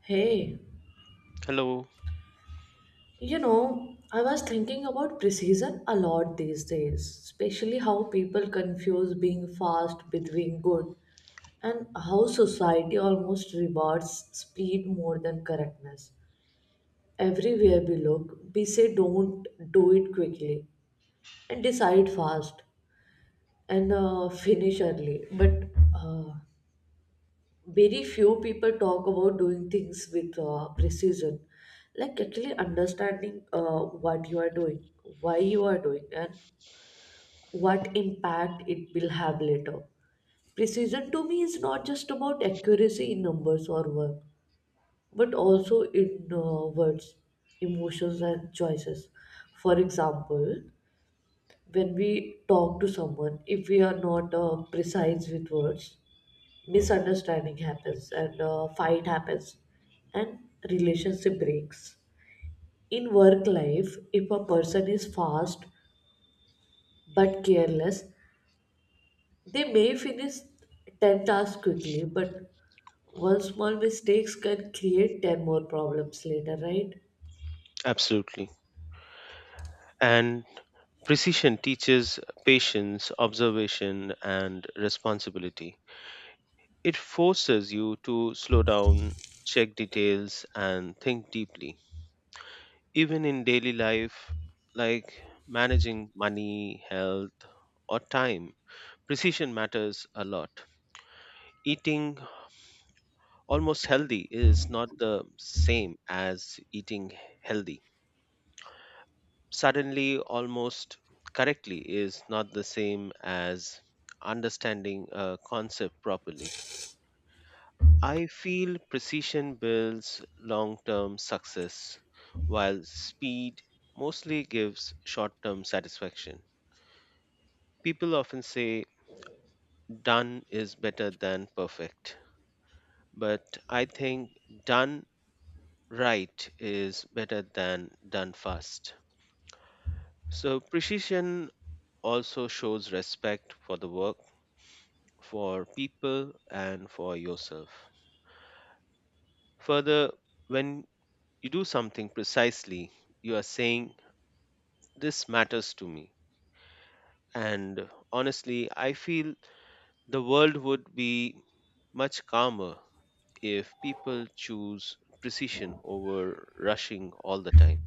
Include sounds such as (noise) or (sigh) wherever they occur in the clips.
Hey, Hello. you know, I was thinking about precision a lot these days, especially how people confuse being fast with being good, and how society almost rewards speed more than correctness. Everywhere we look, we say don't do it quickly and decide fast and finish early, but uh, very few people talk about doing things with precision, like actually understanding what you are doing, why you are doing, and what impact it will have later. Precision to me is not just about accuracy in numbers or work, but also in words, emotions, and choices. For example, when we talk to someone, if we are not precise with words, misunderstanding happens and fight happens and relationship breaks. In work life, if a person is fast but careless, they may finish 10 tasks quickly, but one small mistakes can create 10 more problems later, right? Absolutely. And precision teaches patience, observation, and responsibility. It forces you to slow down, check details, and think deeply. Even in daily life, like managing money, health, or time, precision matters a lot. Eating almost healthy is not the same as eating healthy. Suddenly almost correctly is not the same as understanding a concept properly. I feel precision builds long term success, while speed mostly gives short term satisfaction. People often say done is better than perfect, but I think done right is better than done fast. So, precision also shows respect for the work, for people, and for yourself. Further, when you do something precisely, you are saying, "This matters to me." And honestly, I feel the world would be much calmer if people choose precision over rushing all the time.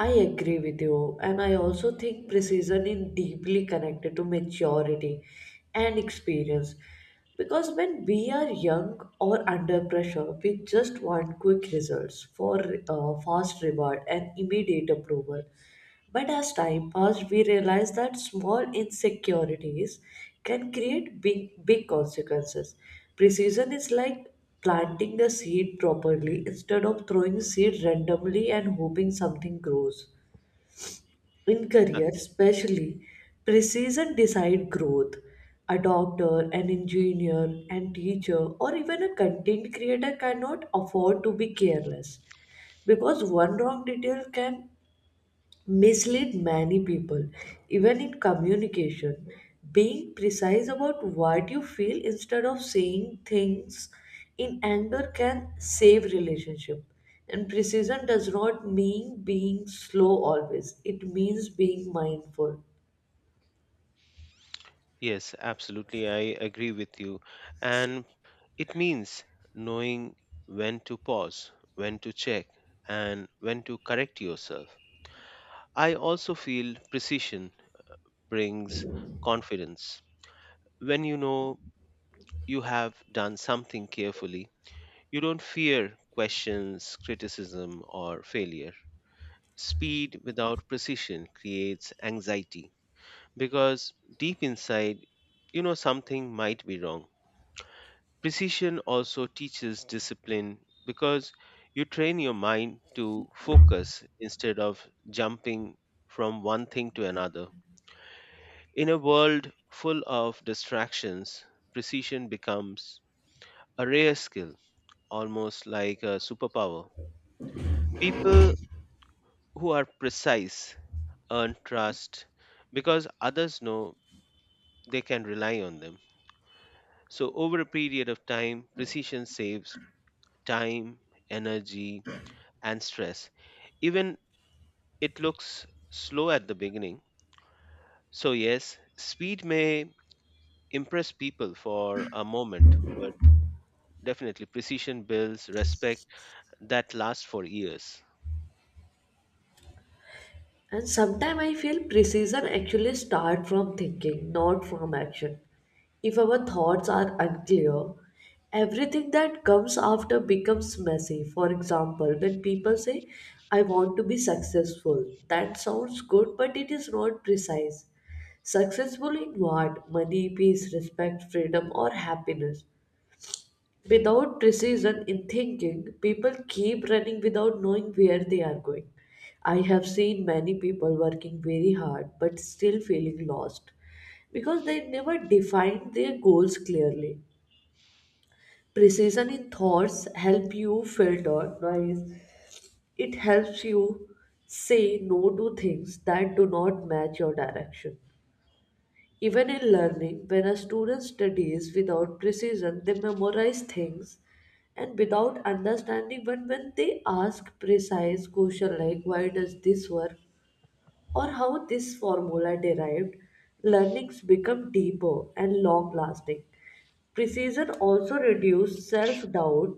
I agree with you, and I also think precision is deeply connected to maturity and experience. Because when we are young or under pressure, we just want quick results for fast reward and immediate approval. But as time passed, we realized that small insecurities can create big, consequences. Precision is like planting a seed properly instead of throwing seed randomly and hoping something grows. In Ah, career, especially, precision decide growth. A doctor, an engineer, an teacher, or even a content creator cannot afford to be careless because one wrong detail can mislead many people, even in communication. Being precise about what you feel instead of saying things in anger can save relationship. And precision does not mean being slow always. It means being mindful. yes, absolutely. I agree with you. And it means knowing when to pause, when to check, and when to correct yourself. I also feel precision brings confidence. When you know you have done something carefully, you don't fear questions, criticism, or failure. Speed without precision creates anxiety because deep inside, you know something might be wrong. Precision also teaches discipline because you train your mind to focus instead of jumping from one thing to another. In a world full of distractions, precision becomes a rare skill, almost like a superpower. People who are precise earn trust because others know they can rely on them. So, over a period of time, precision saves time, energy, and stress, even it looks slow at the beginning. So, yes, speed may impress people for a moment, but definitely, precision builds respect that lasts for years. And sometimes I feel precision actually starts from thinking, not from action. If our thoughts are unclear, everything that comes after becomes messy. For example, when people say, I want to be successful, that sounds good, but it is not precise. Successful in what? Money, peace, respect, freedom, or happiness. Without precision in thinking, people keep running without knowing where they are going. I have seen many people working very hard but still feeling lost because they never defined their goals clearly. Precision in thoughts help you filter noise. It helps you say no to things that do not match your direction. Even in learning, when a student studies without precision, they memorize things and without understanding. But when they ask precise question like why does this work or how this formula derived, learnings become deeper and long lasting. Precision also reduces self doubt.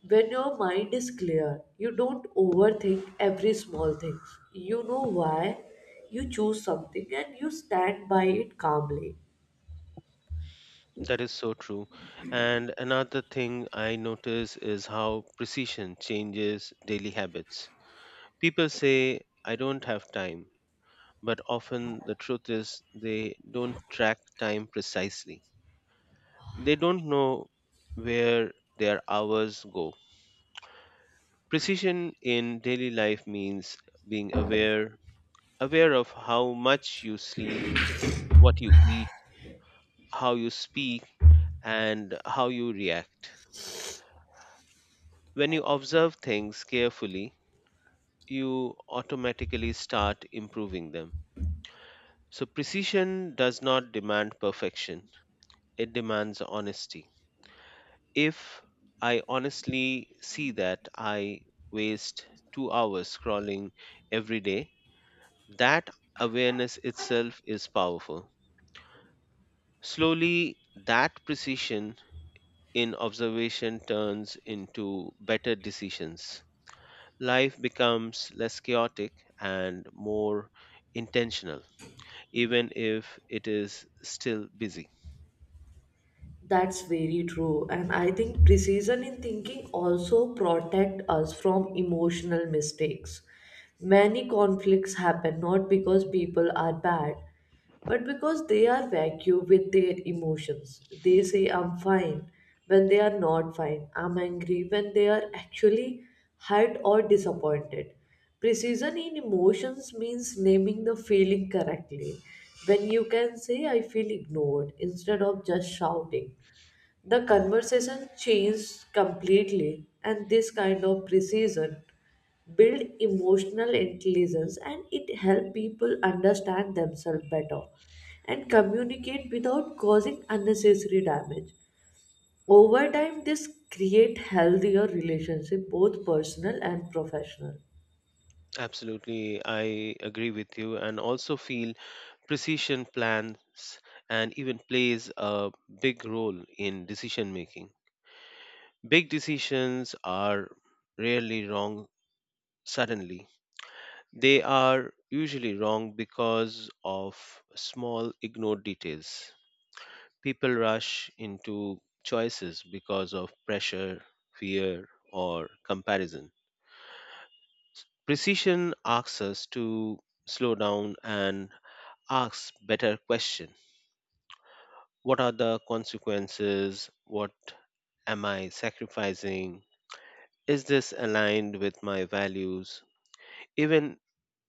When your mind is clear, you don't overthink every small thing. You know why you choose something and you stand by it calmly. That is so true. And another thing I notice is how precision changes daily habits. People say, "I don't have time," but often the truth is they don't track time precisely. They don't know where their hours go. Precision in daily life means being aware, aware of how much you sleep, what you eat, how you speak, and how you react. When you observe things carefully, you automatically start improving them. So, precision does not demand perfection, it demands honesty. If I honestly see that I waste 2 hours scrolling every day, that awareness itself is powerful. Slowly, that precision in observation turns into better decisions. Life becomes less chaotic and more intentional, even if it is still busy. That's very true. And I think precision in thinking also protect us from emotional mistakes. Many conflicts happen not because people are bad, but because they are vacuum with their emotions. They say I'm fine when they are not fine. I'm angry when they are actually hurt or disappointed. Precision in emotions means naming the feeling correctly. When you can say, I feel ignored, instead of just shouting, the conversation changes completely. And this kind of precision build emotional intelligence, and it help people understand themselves better and communicate without causing unnecessary damage. Over time, this create healthier relationship, both personal and professional. Absolutely, I agree with you, and also feel precision plans and even plays a big role in decision making. Big decisions are rarely wrong suddenly, they are usually wrong because of small ignored details. People rush into choices because of pressure, fear, or comparison. Precision asks us to slow down and ask better questions. What are the consequences? What am I sacrificing? Is this aligned with my values? Even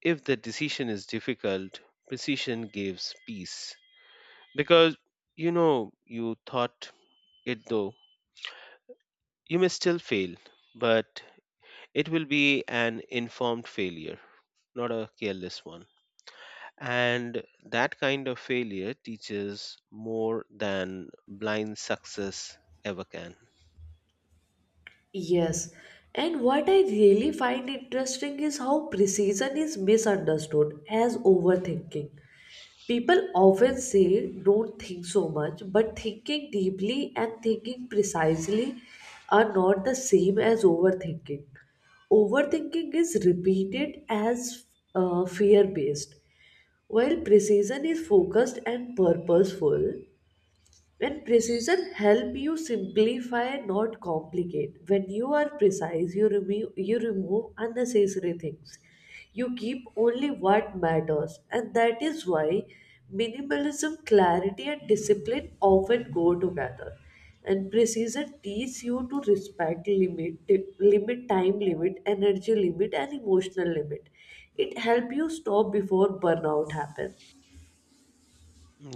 if the decision is difficult, precision gives peace. Because you know you thought it though, you may still fail, but it will be an informed failure, not a careless one. And that kind of failure teaches more than blind success ever can. Yes, and what I really find interesting is how precision is misunderstood as overthinking. People often say, don't think so much, but thinking deeply and thinking precisely are not the same as overthinking. Overthinking is repeated as fear based, while precision is focused and purposeful. When precision help you simplify, not complicate. When you are precise, you remove unnecessary things. You keep only what matters, and that is why minimalism, clarity, and discipline often go together. And precision teaches you to respect limit, limit time limit, energy limit, and emotional limit. It helps you stop before burnout happens.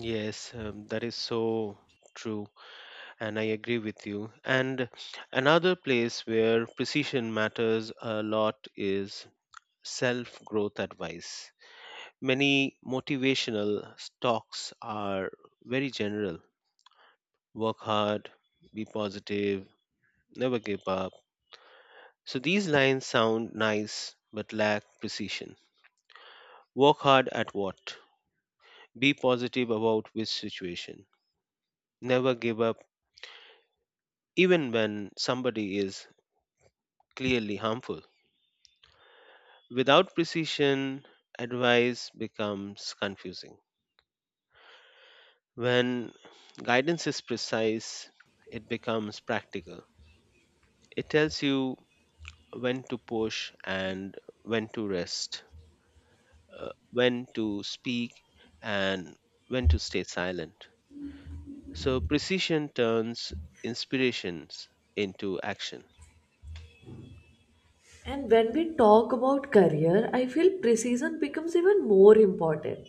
Yes, that is so true, and I agree with you. And another place where precision matters a lot is self growth advice. Many motivational talks are very general: work hard, be positive, never give up. So these lines sound nice but lack precision. Work hard at what? Be positive about which situation? Never give up, even when somebody is clearly harmful? Without precision, advice becomes confusing. When guidance is precise, it becomes practical. It tells you when to push and when to rest, when to speak and when to stay silent. So precision turns inspirations into action. And when we talk about career, I feel precision becomes even more important.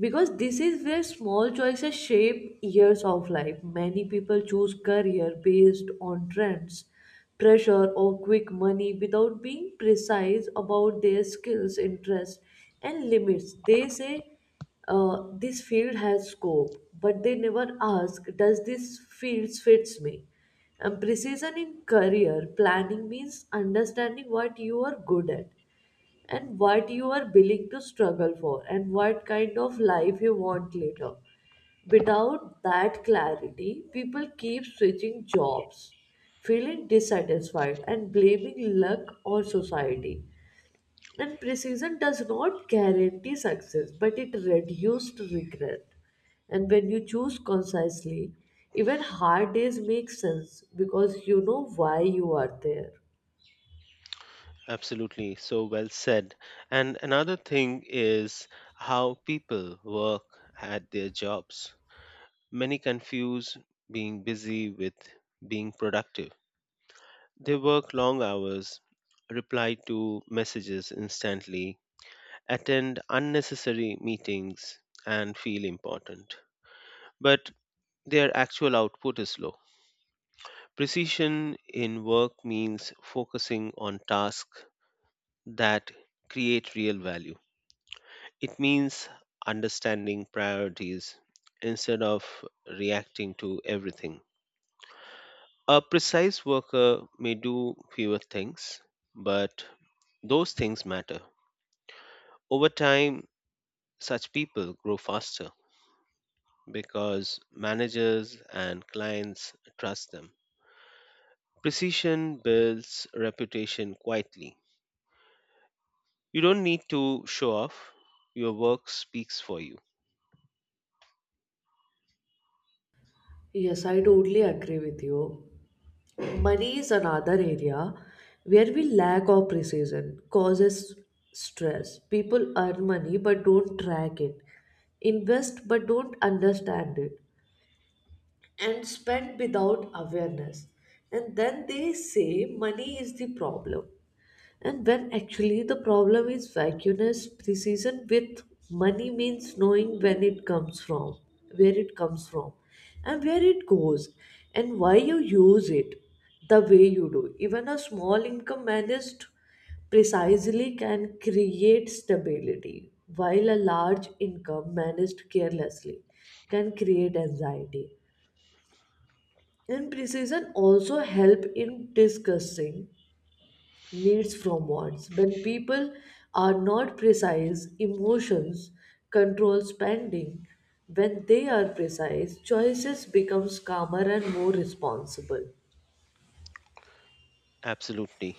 Because this is where small choices shape years of life. Many people choose career based on trends, pressure, or quick money without being precise about their skills, interests, and limits. They say this field has scope, but they never ask, does this field fits me? And precision in career planning means understanding what you are good at and what you are willing to struggle for and what kind of life you want later. Without that clarity, people keep switching jobs, feeling dissatisfied and blaming luck or society. And precision does not guarantee success, but it reduced regret. And when you choose concisely, even hard days make sense because you know why you are there. Absolutely, so well said. And another thing is how people work at their jobs. Many confuse being busy with being productive. They work long hours, reply to messages instantly, attend unnecessary meetings, and feel important. But their actual output is low. Precision in work means focusing on tasks that create real value. It means understanding priorities instead of reacting to everything. A precise worker may do fewer things, but those things matter. Over time, such people grow faster because managers and clients trust them. Precision builds reputation quietly. You don't need to show off. Your work speaks for you. Yes, I totally agree with you. Money is another area where we lack of precision, causes stress. People earn money but don't track it, invest but don't understand it, and spend without awareness. And then they say money is the problem. And when actually the problem is vacuous precision with money means knowing when it comes from, where it comes from, and where it goes, and why you use it the way you do. Even a small income managed precisely can create stability, while a large income managed carelessly can create anxiety. And precision also help in discussing needs from wants. When people are not precise, emotions control spending. When they are precise, choices becomes calmer and more responsible. Absolutely.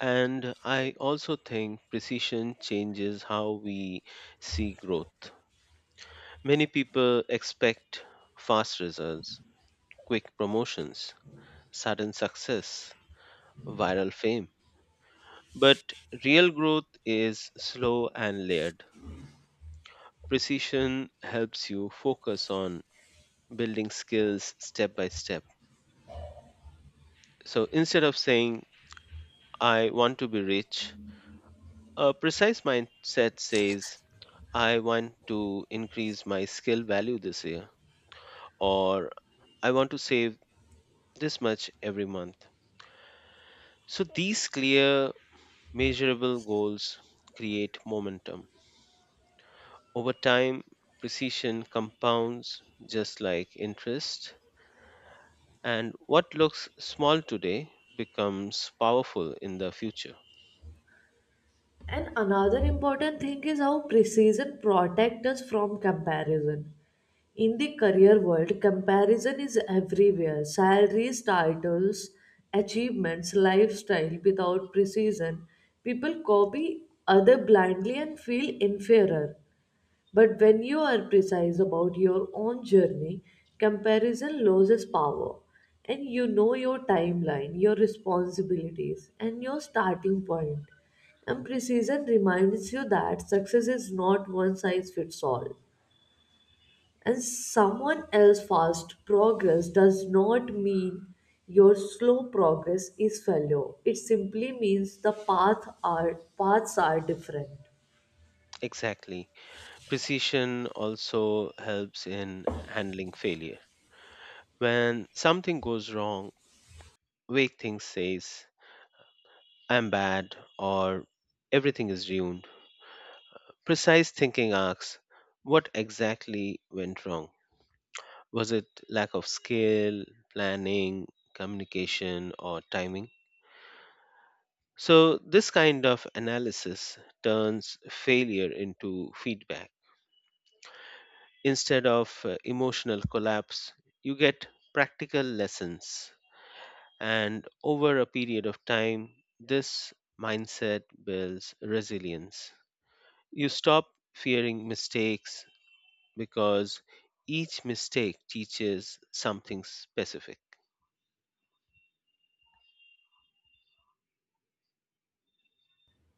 And I also think precision changes how we see growth. Many people expect fast results, quick promotions, sudden success, viral fame. But real growth is slow and layered. Precision helps you focus on building skills step by step. So instead of saying, "I want to be rich," a precise mindset says, "I want to increase my skill value this year," or, "I want to save this much every month." So these clear, measurable goals create momentum. Over time, precision compounds just like interest, and what looks small today becomes powerful in the future. And another important thing is how precision protects us from comparison. In the career world, comparison is everywhere. Salaries, titles, achievements, lifestyle without precision. People copy other blindly and feel inferior. But when you are precise about your own journey, comparison loses power and you know your timeline, your responsibilities, and your starting point. And precision reminds you that success is not one size fits all. And someone else's fast progress does not mean your slow progress is failure. It simply means paths are different. Exactly. Precision also helps in handling failure. When something goes wrong, vague things says, "I'm bad," or, "Everything is ruined." Precise thinking asks, what exactly went wrong? Was it lack of skill, planning, communication, or timing? So, this kind of analysis turns failure into feedback. Instead of emotional collapse, you get practical lessons. And over a period of time, this mindset builds resilience. You stop fearing mistakes because each mistake teaches something specific.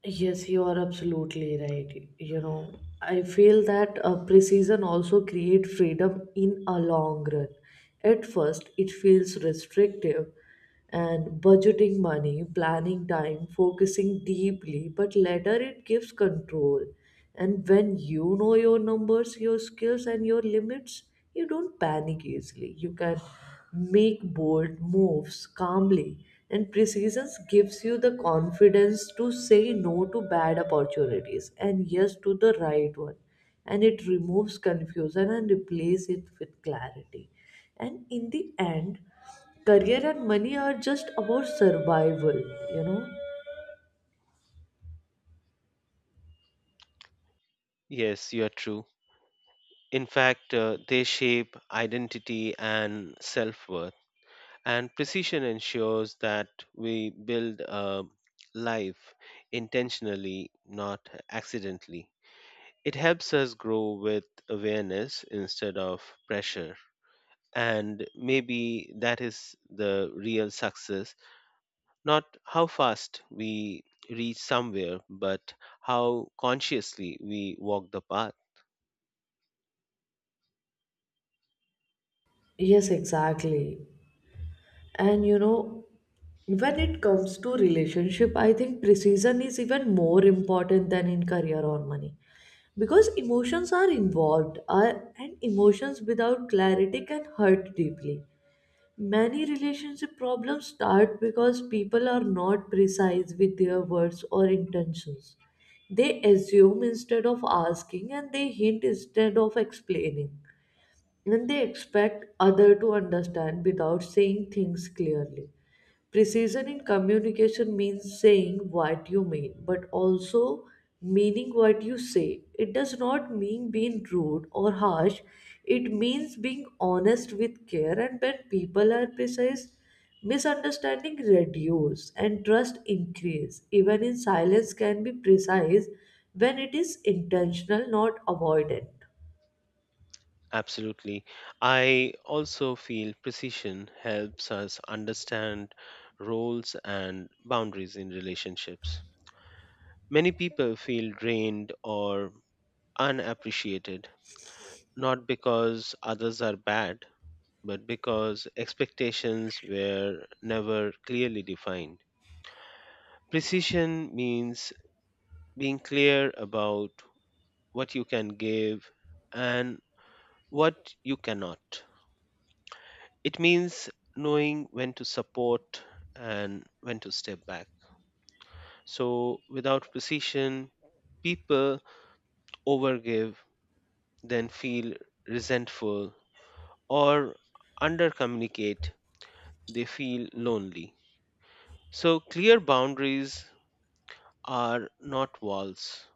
Yes, you are absolutely right. You know, I feel that precision also create freedom in a long run. At first, it feels restrictive and budgeting money, planning time, focusing deeply, but later it gives control. And when you know your numbers, your skills, and your limits, you don't panic easily. You can make bold moves calmly, and precision gives you the confidence to say no to bad opportunities and yes to the right one. And it removes confusion and replaces it with clarity. And in the end, career and money are just about survival, you know. Yes, you are true. In fact, they shape identity and self worth. And precision ensures that we build a life intentionally, not accidentally. It helps us grow with awareness instead of pressure. And maybe that is the real success, not how fast we reach somewhere, but how consciously we walk the path. Yes, exactly. And you know, when it comes to relationship, I think precision is even more important than in career or money because emotions are involved are, and emotions without clarity can hurt deeply. Many relationship problems start because people are not precise with their words or intentions. They assume instead of asking, and they hint instead of explaining, and they expect other to understand without saying things clearly. Precision in communication means saying what you mean but also meaning what you say. It does not mean being rude or harsh. It means being honest with care, and when people are precise, misunderstanding reduce and trust increase. Even in silence can be precise when it is intentional, not avoidant. Absolutely. I also feel precision helps us understand roles and boundaries in relationships. Many people feel drained or unappreciated, not because others are bad, but because expectations were never clearly defined. Precision means being clear about what you can give, and what you cannot. It means knowing when to support and when to step back. So, without precision, people overgive, then feel resentful, or undercommunicate, they feel lonely. So, clear boundaries are not walls,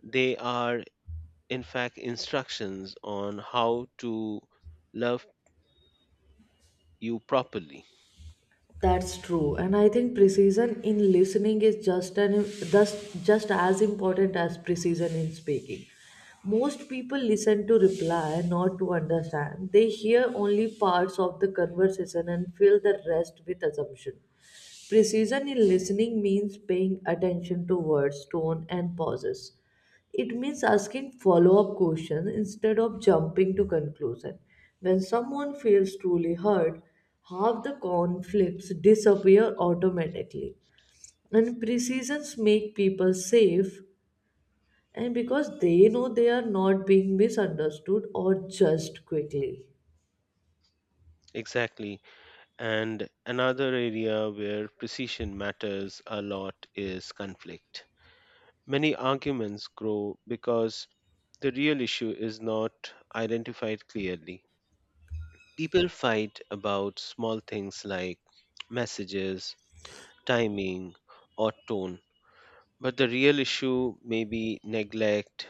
they are, in fact, instructions on how to love you properly. That's true, and I think precision in listening is just an just as important as precision in speaking. Most people listen to reply, not to understand. They hear only parts of the conversation and fill the rest with assumption. Precision in listening means paying attention to words, tone, and pauses. It means asking follow-up questions instead of jumping to conclusion. When someone feels truly hurt, half the conflicts disappear automatically. And precisions make people safe and because they know they are not being misunderstood or judged quickly. Exactly. And another area where precision matters a lot is conflict. Many arguments grow because the real issue is not identified clearly. People fight about small things like messages, timing, or tone, but the real issue may be neglect,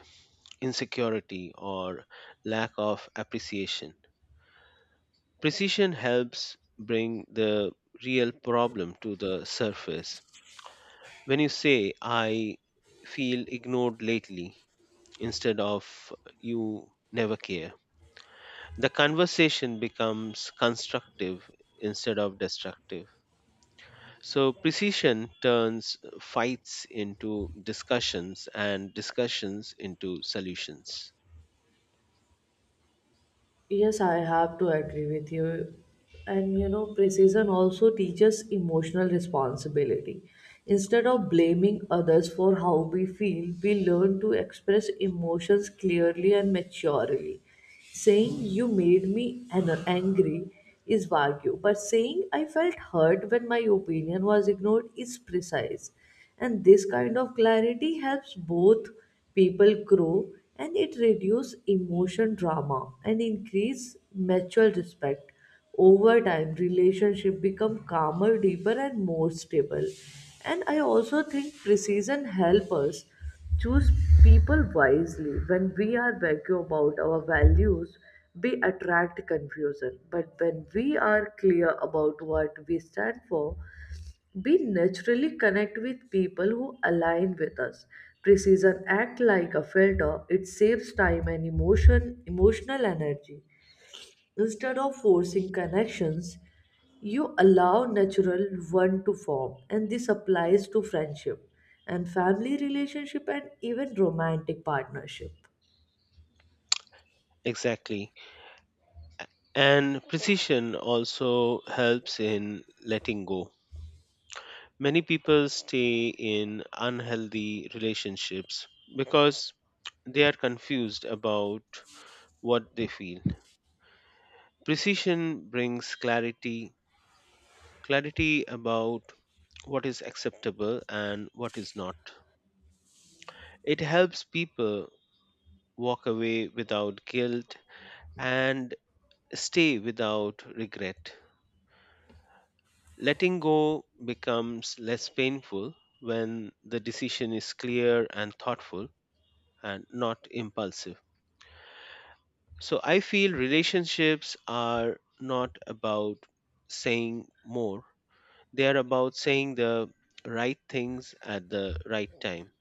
insecurity, or lack of appreciation. Precision helps bring the real problem to the surface. When you say, "I feel ignored lately," instead of, "You never care," the conversation becomes constructive instead of destructive. So precision turns fights into discussions and discussions into solutions. Yes, I have to agree with you. And you know, precision also teaches emotional responsibility. Instead of blaming others for how we feel, we learn to express emotions clearly and maturely. Saying, You made me angry is vague, but saying, I felt hurt when my opinion was ignored is precise. And this kind of clarity helps both people grow, and it reduces emotion drama and increase mutual respect. Over time, relationship become calmer, deeper, and more stable. And I also think precision help us choose people wisely. When we are vague about our values, we attract confusion, but when we are clear about what we stand for, we naturally connect with people who align with us. Precision act like a filter. It saves time and emotional energy. Instead of forcing connections, you allow natural one to form, and this applies to friendship and family relationship and even romantic partnership. Exactly. And precision also helps in letting go. Many people stay in unhealthy relationships because they are confused about what they feel. Precision brings clarity, clarity about what is acceptable and what is not. It helps people walk away without guilt and stay without regret. Letting go becomes less painful when the decision is clear and thoughtful and not impulsive. So I feel relationships are not about saying more. They are about saying the right things at the right time.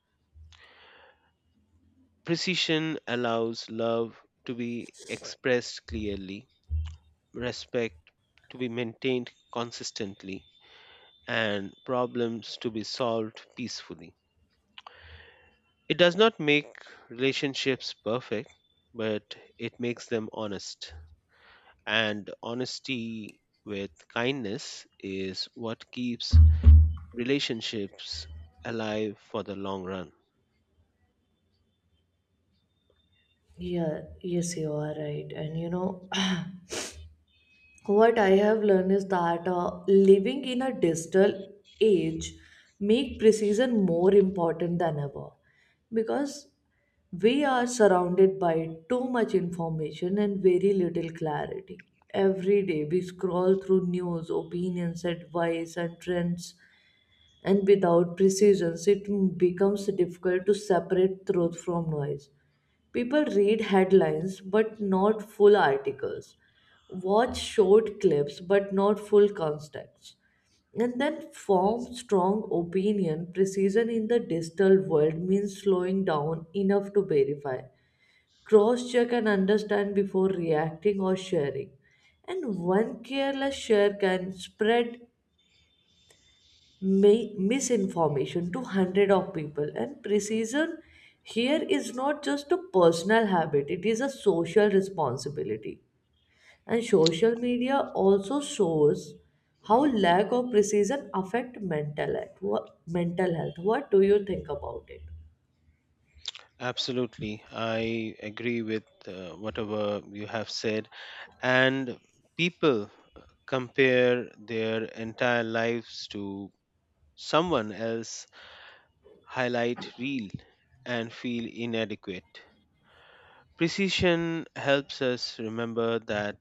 Precision allows love to be expressed clearly, respect to be maintained consistently, and problems to be solved peacefully. It does not make relationships perfect, but it makes them honest. And honesty with kindness is what keeps relationships alive for the long run. Yeah, yes, you are right. And you know, (clears throat) what I have learned is that living in a digital age make precision more important than ever, because we are surrounded by too much information and very little clarity. Every day we scroll through news, opinions, advice, and trends, and without precision, it becomes difficult to separate truth from noise. People read headlines but not full articles, watch short clips but not full context, and then form strong opinion. Precision in the digital world means slowing down enough to verify, cross check, and understand before reacting or sharing. And one careless share can spread misinformation to hundred of people, and precision here is not just a personal habit, it is a social responsibility. And social media also shows how lack of precision affect mental health. Mental health, what do you think about it? Absolutely. I agree with whatever you have said. And people uh, compare their entire lives to someone else highlight reel and feel inadequate. Precision helps us remember that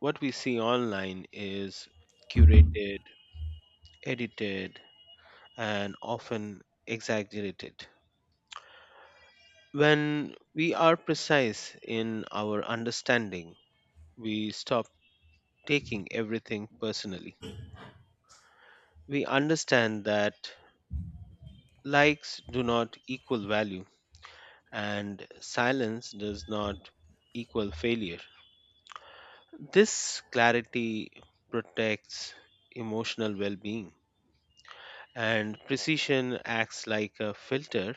what we see online is curated, edited, and often exaggerated. When we are precise in our understanding, we stop taking everything personally. We understand that likes do not equal value and silence does not equal failure. This clarity protects emotional well being, and precision acts like a filter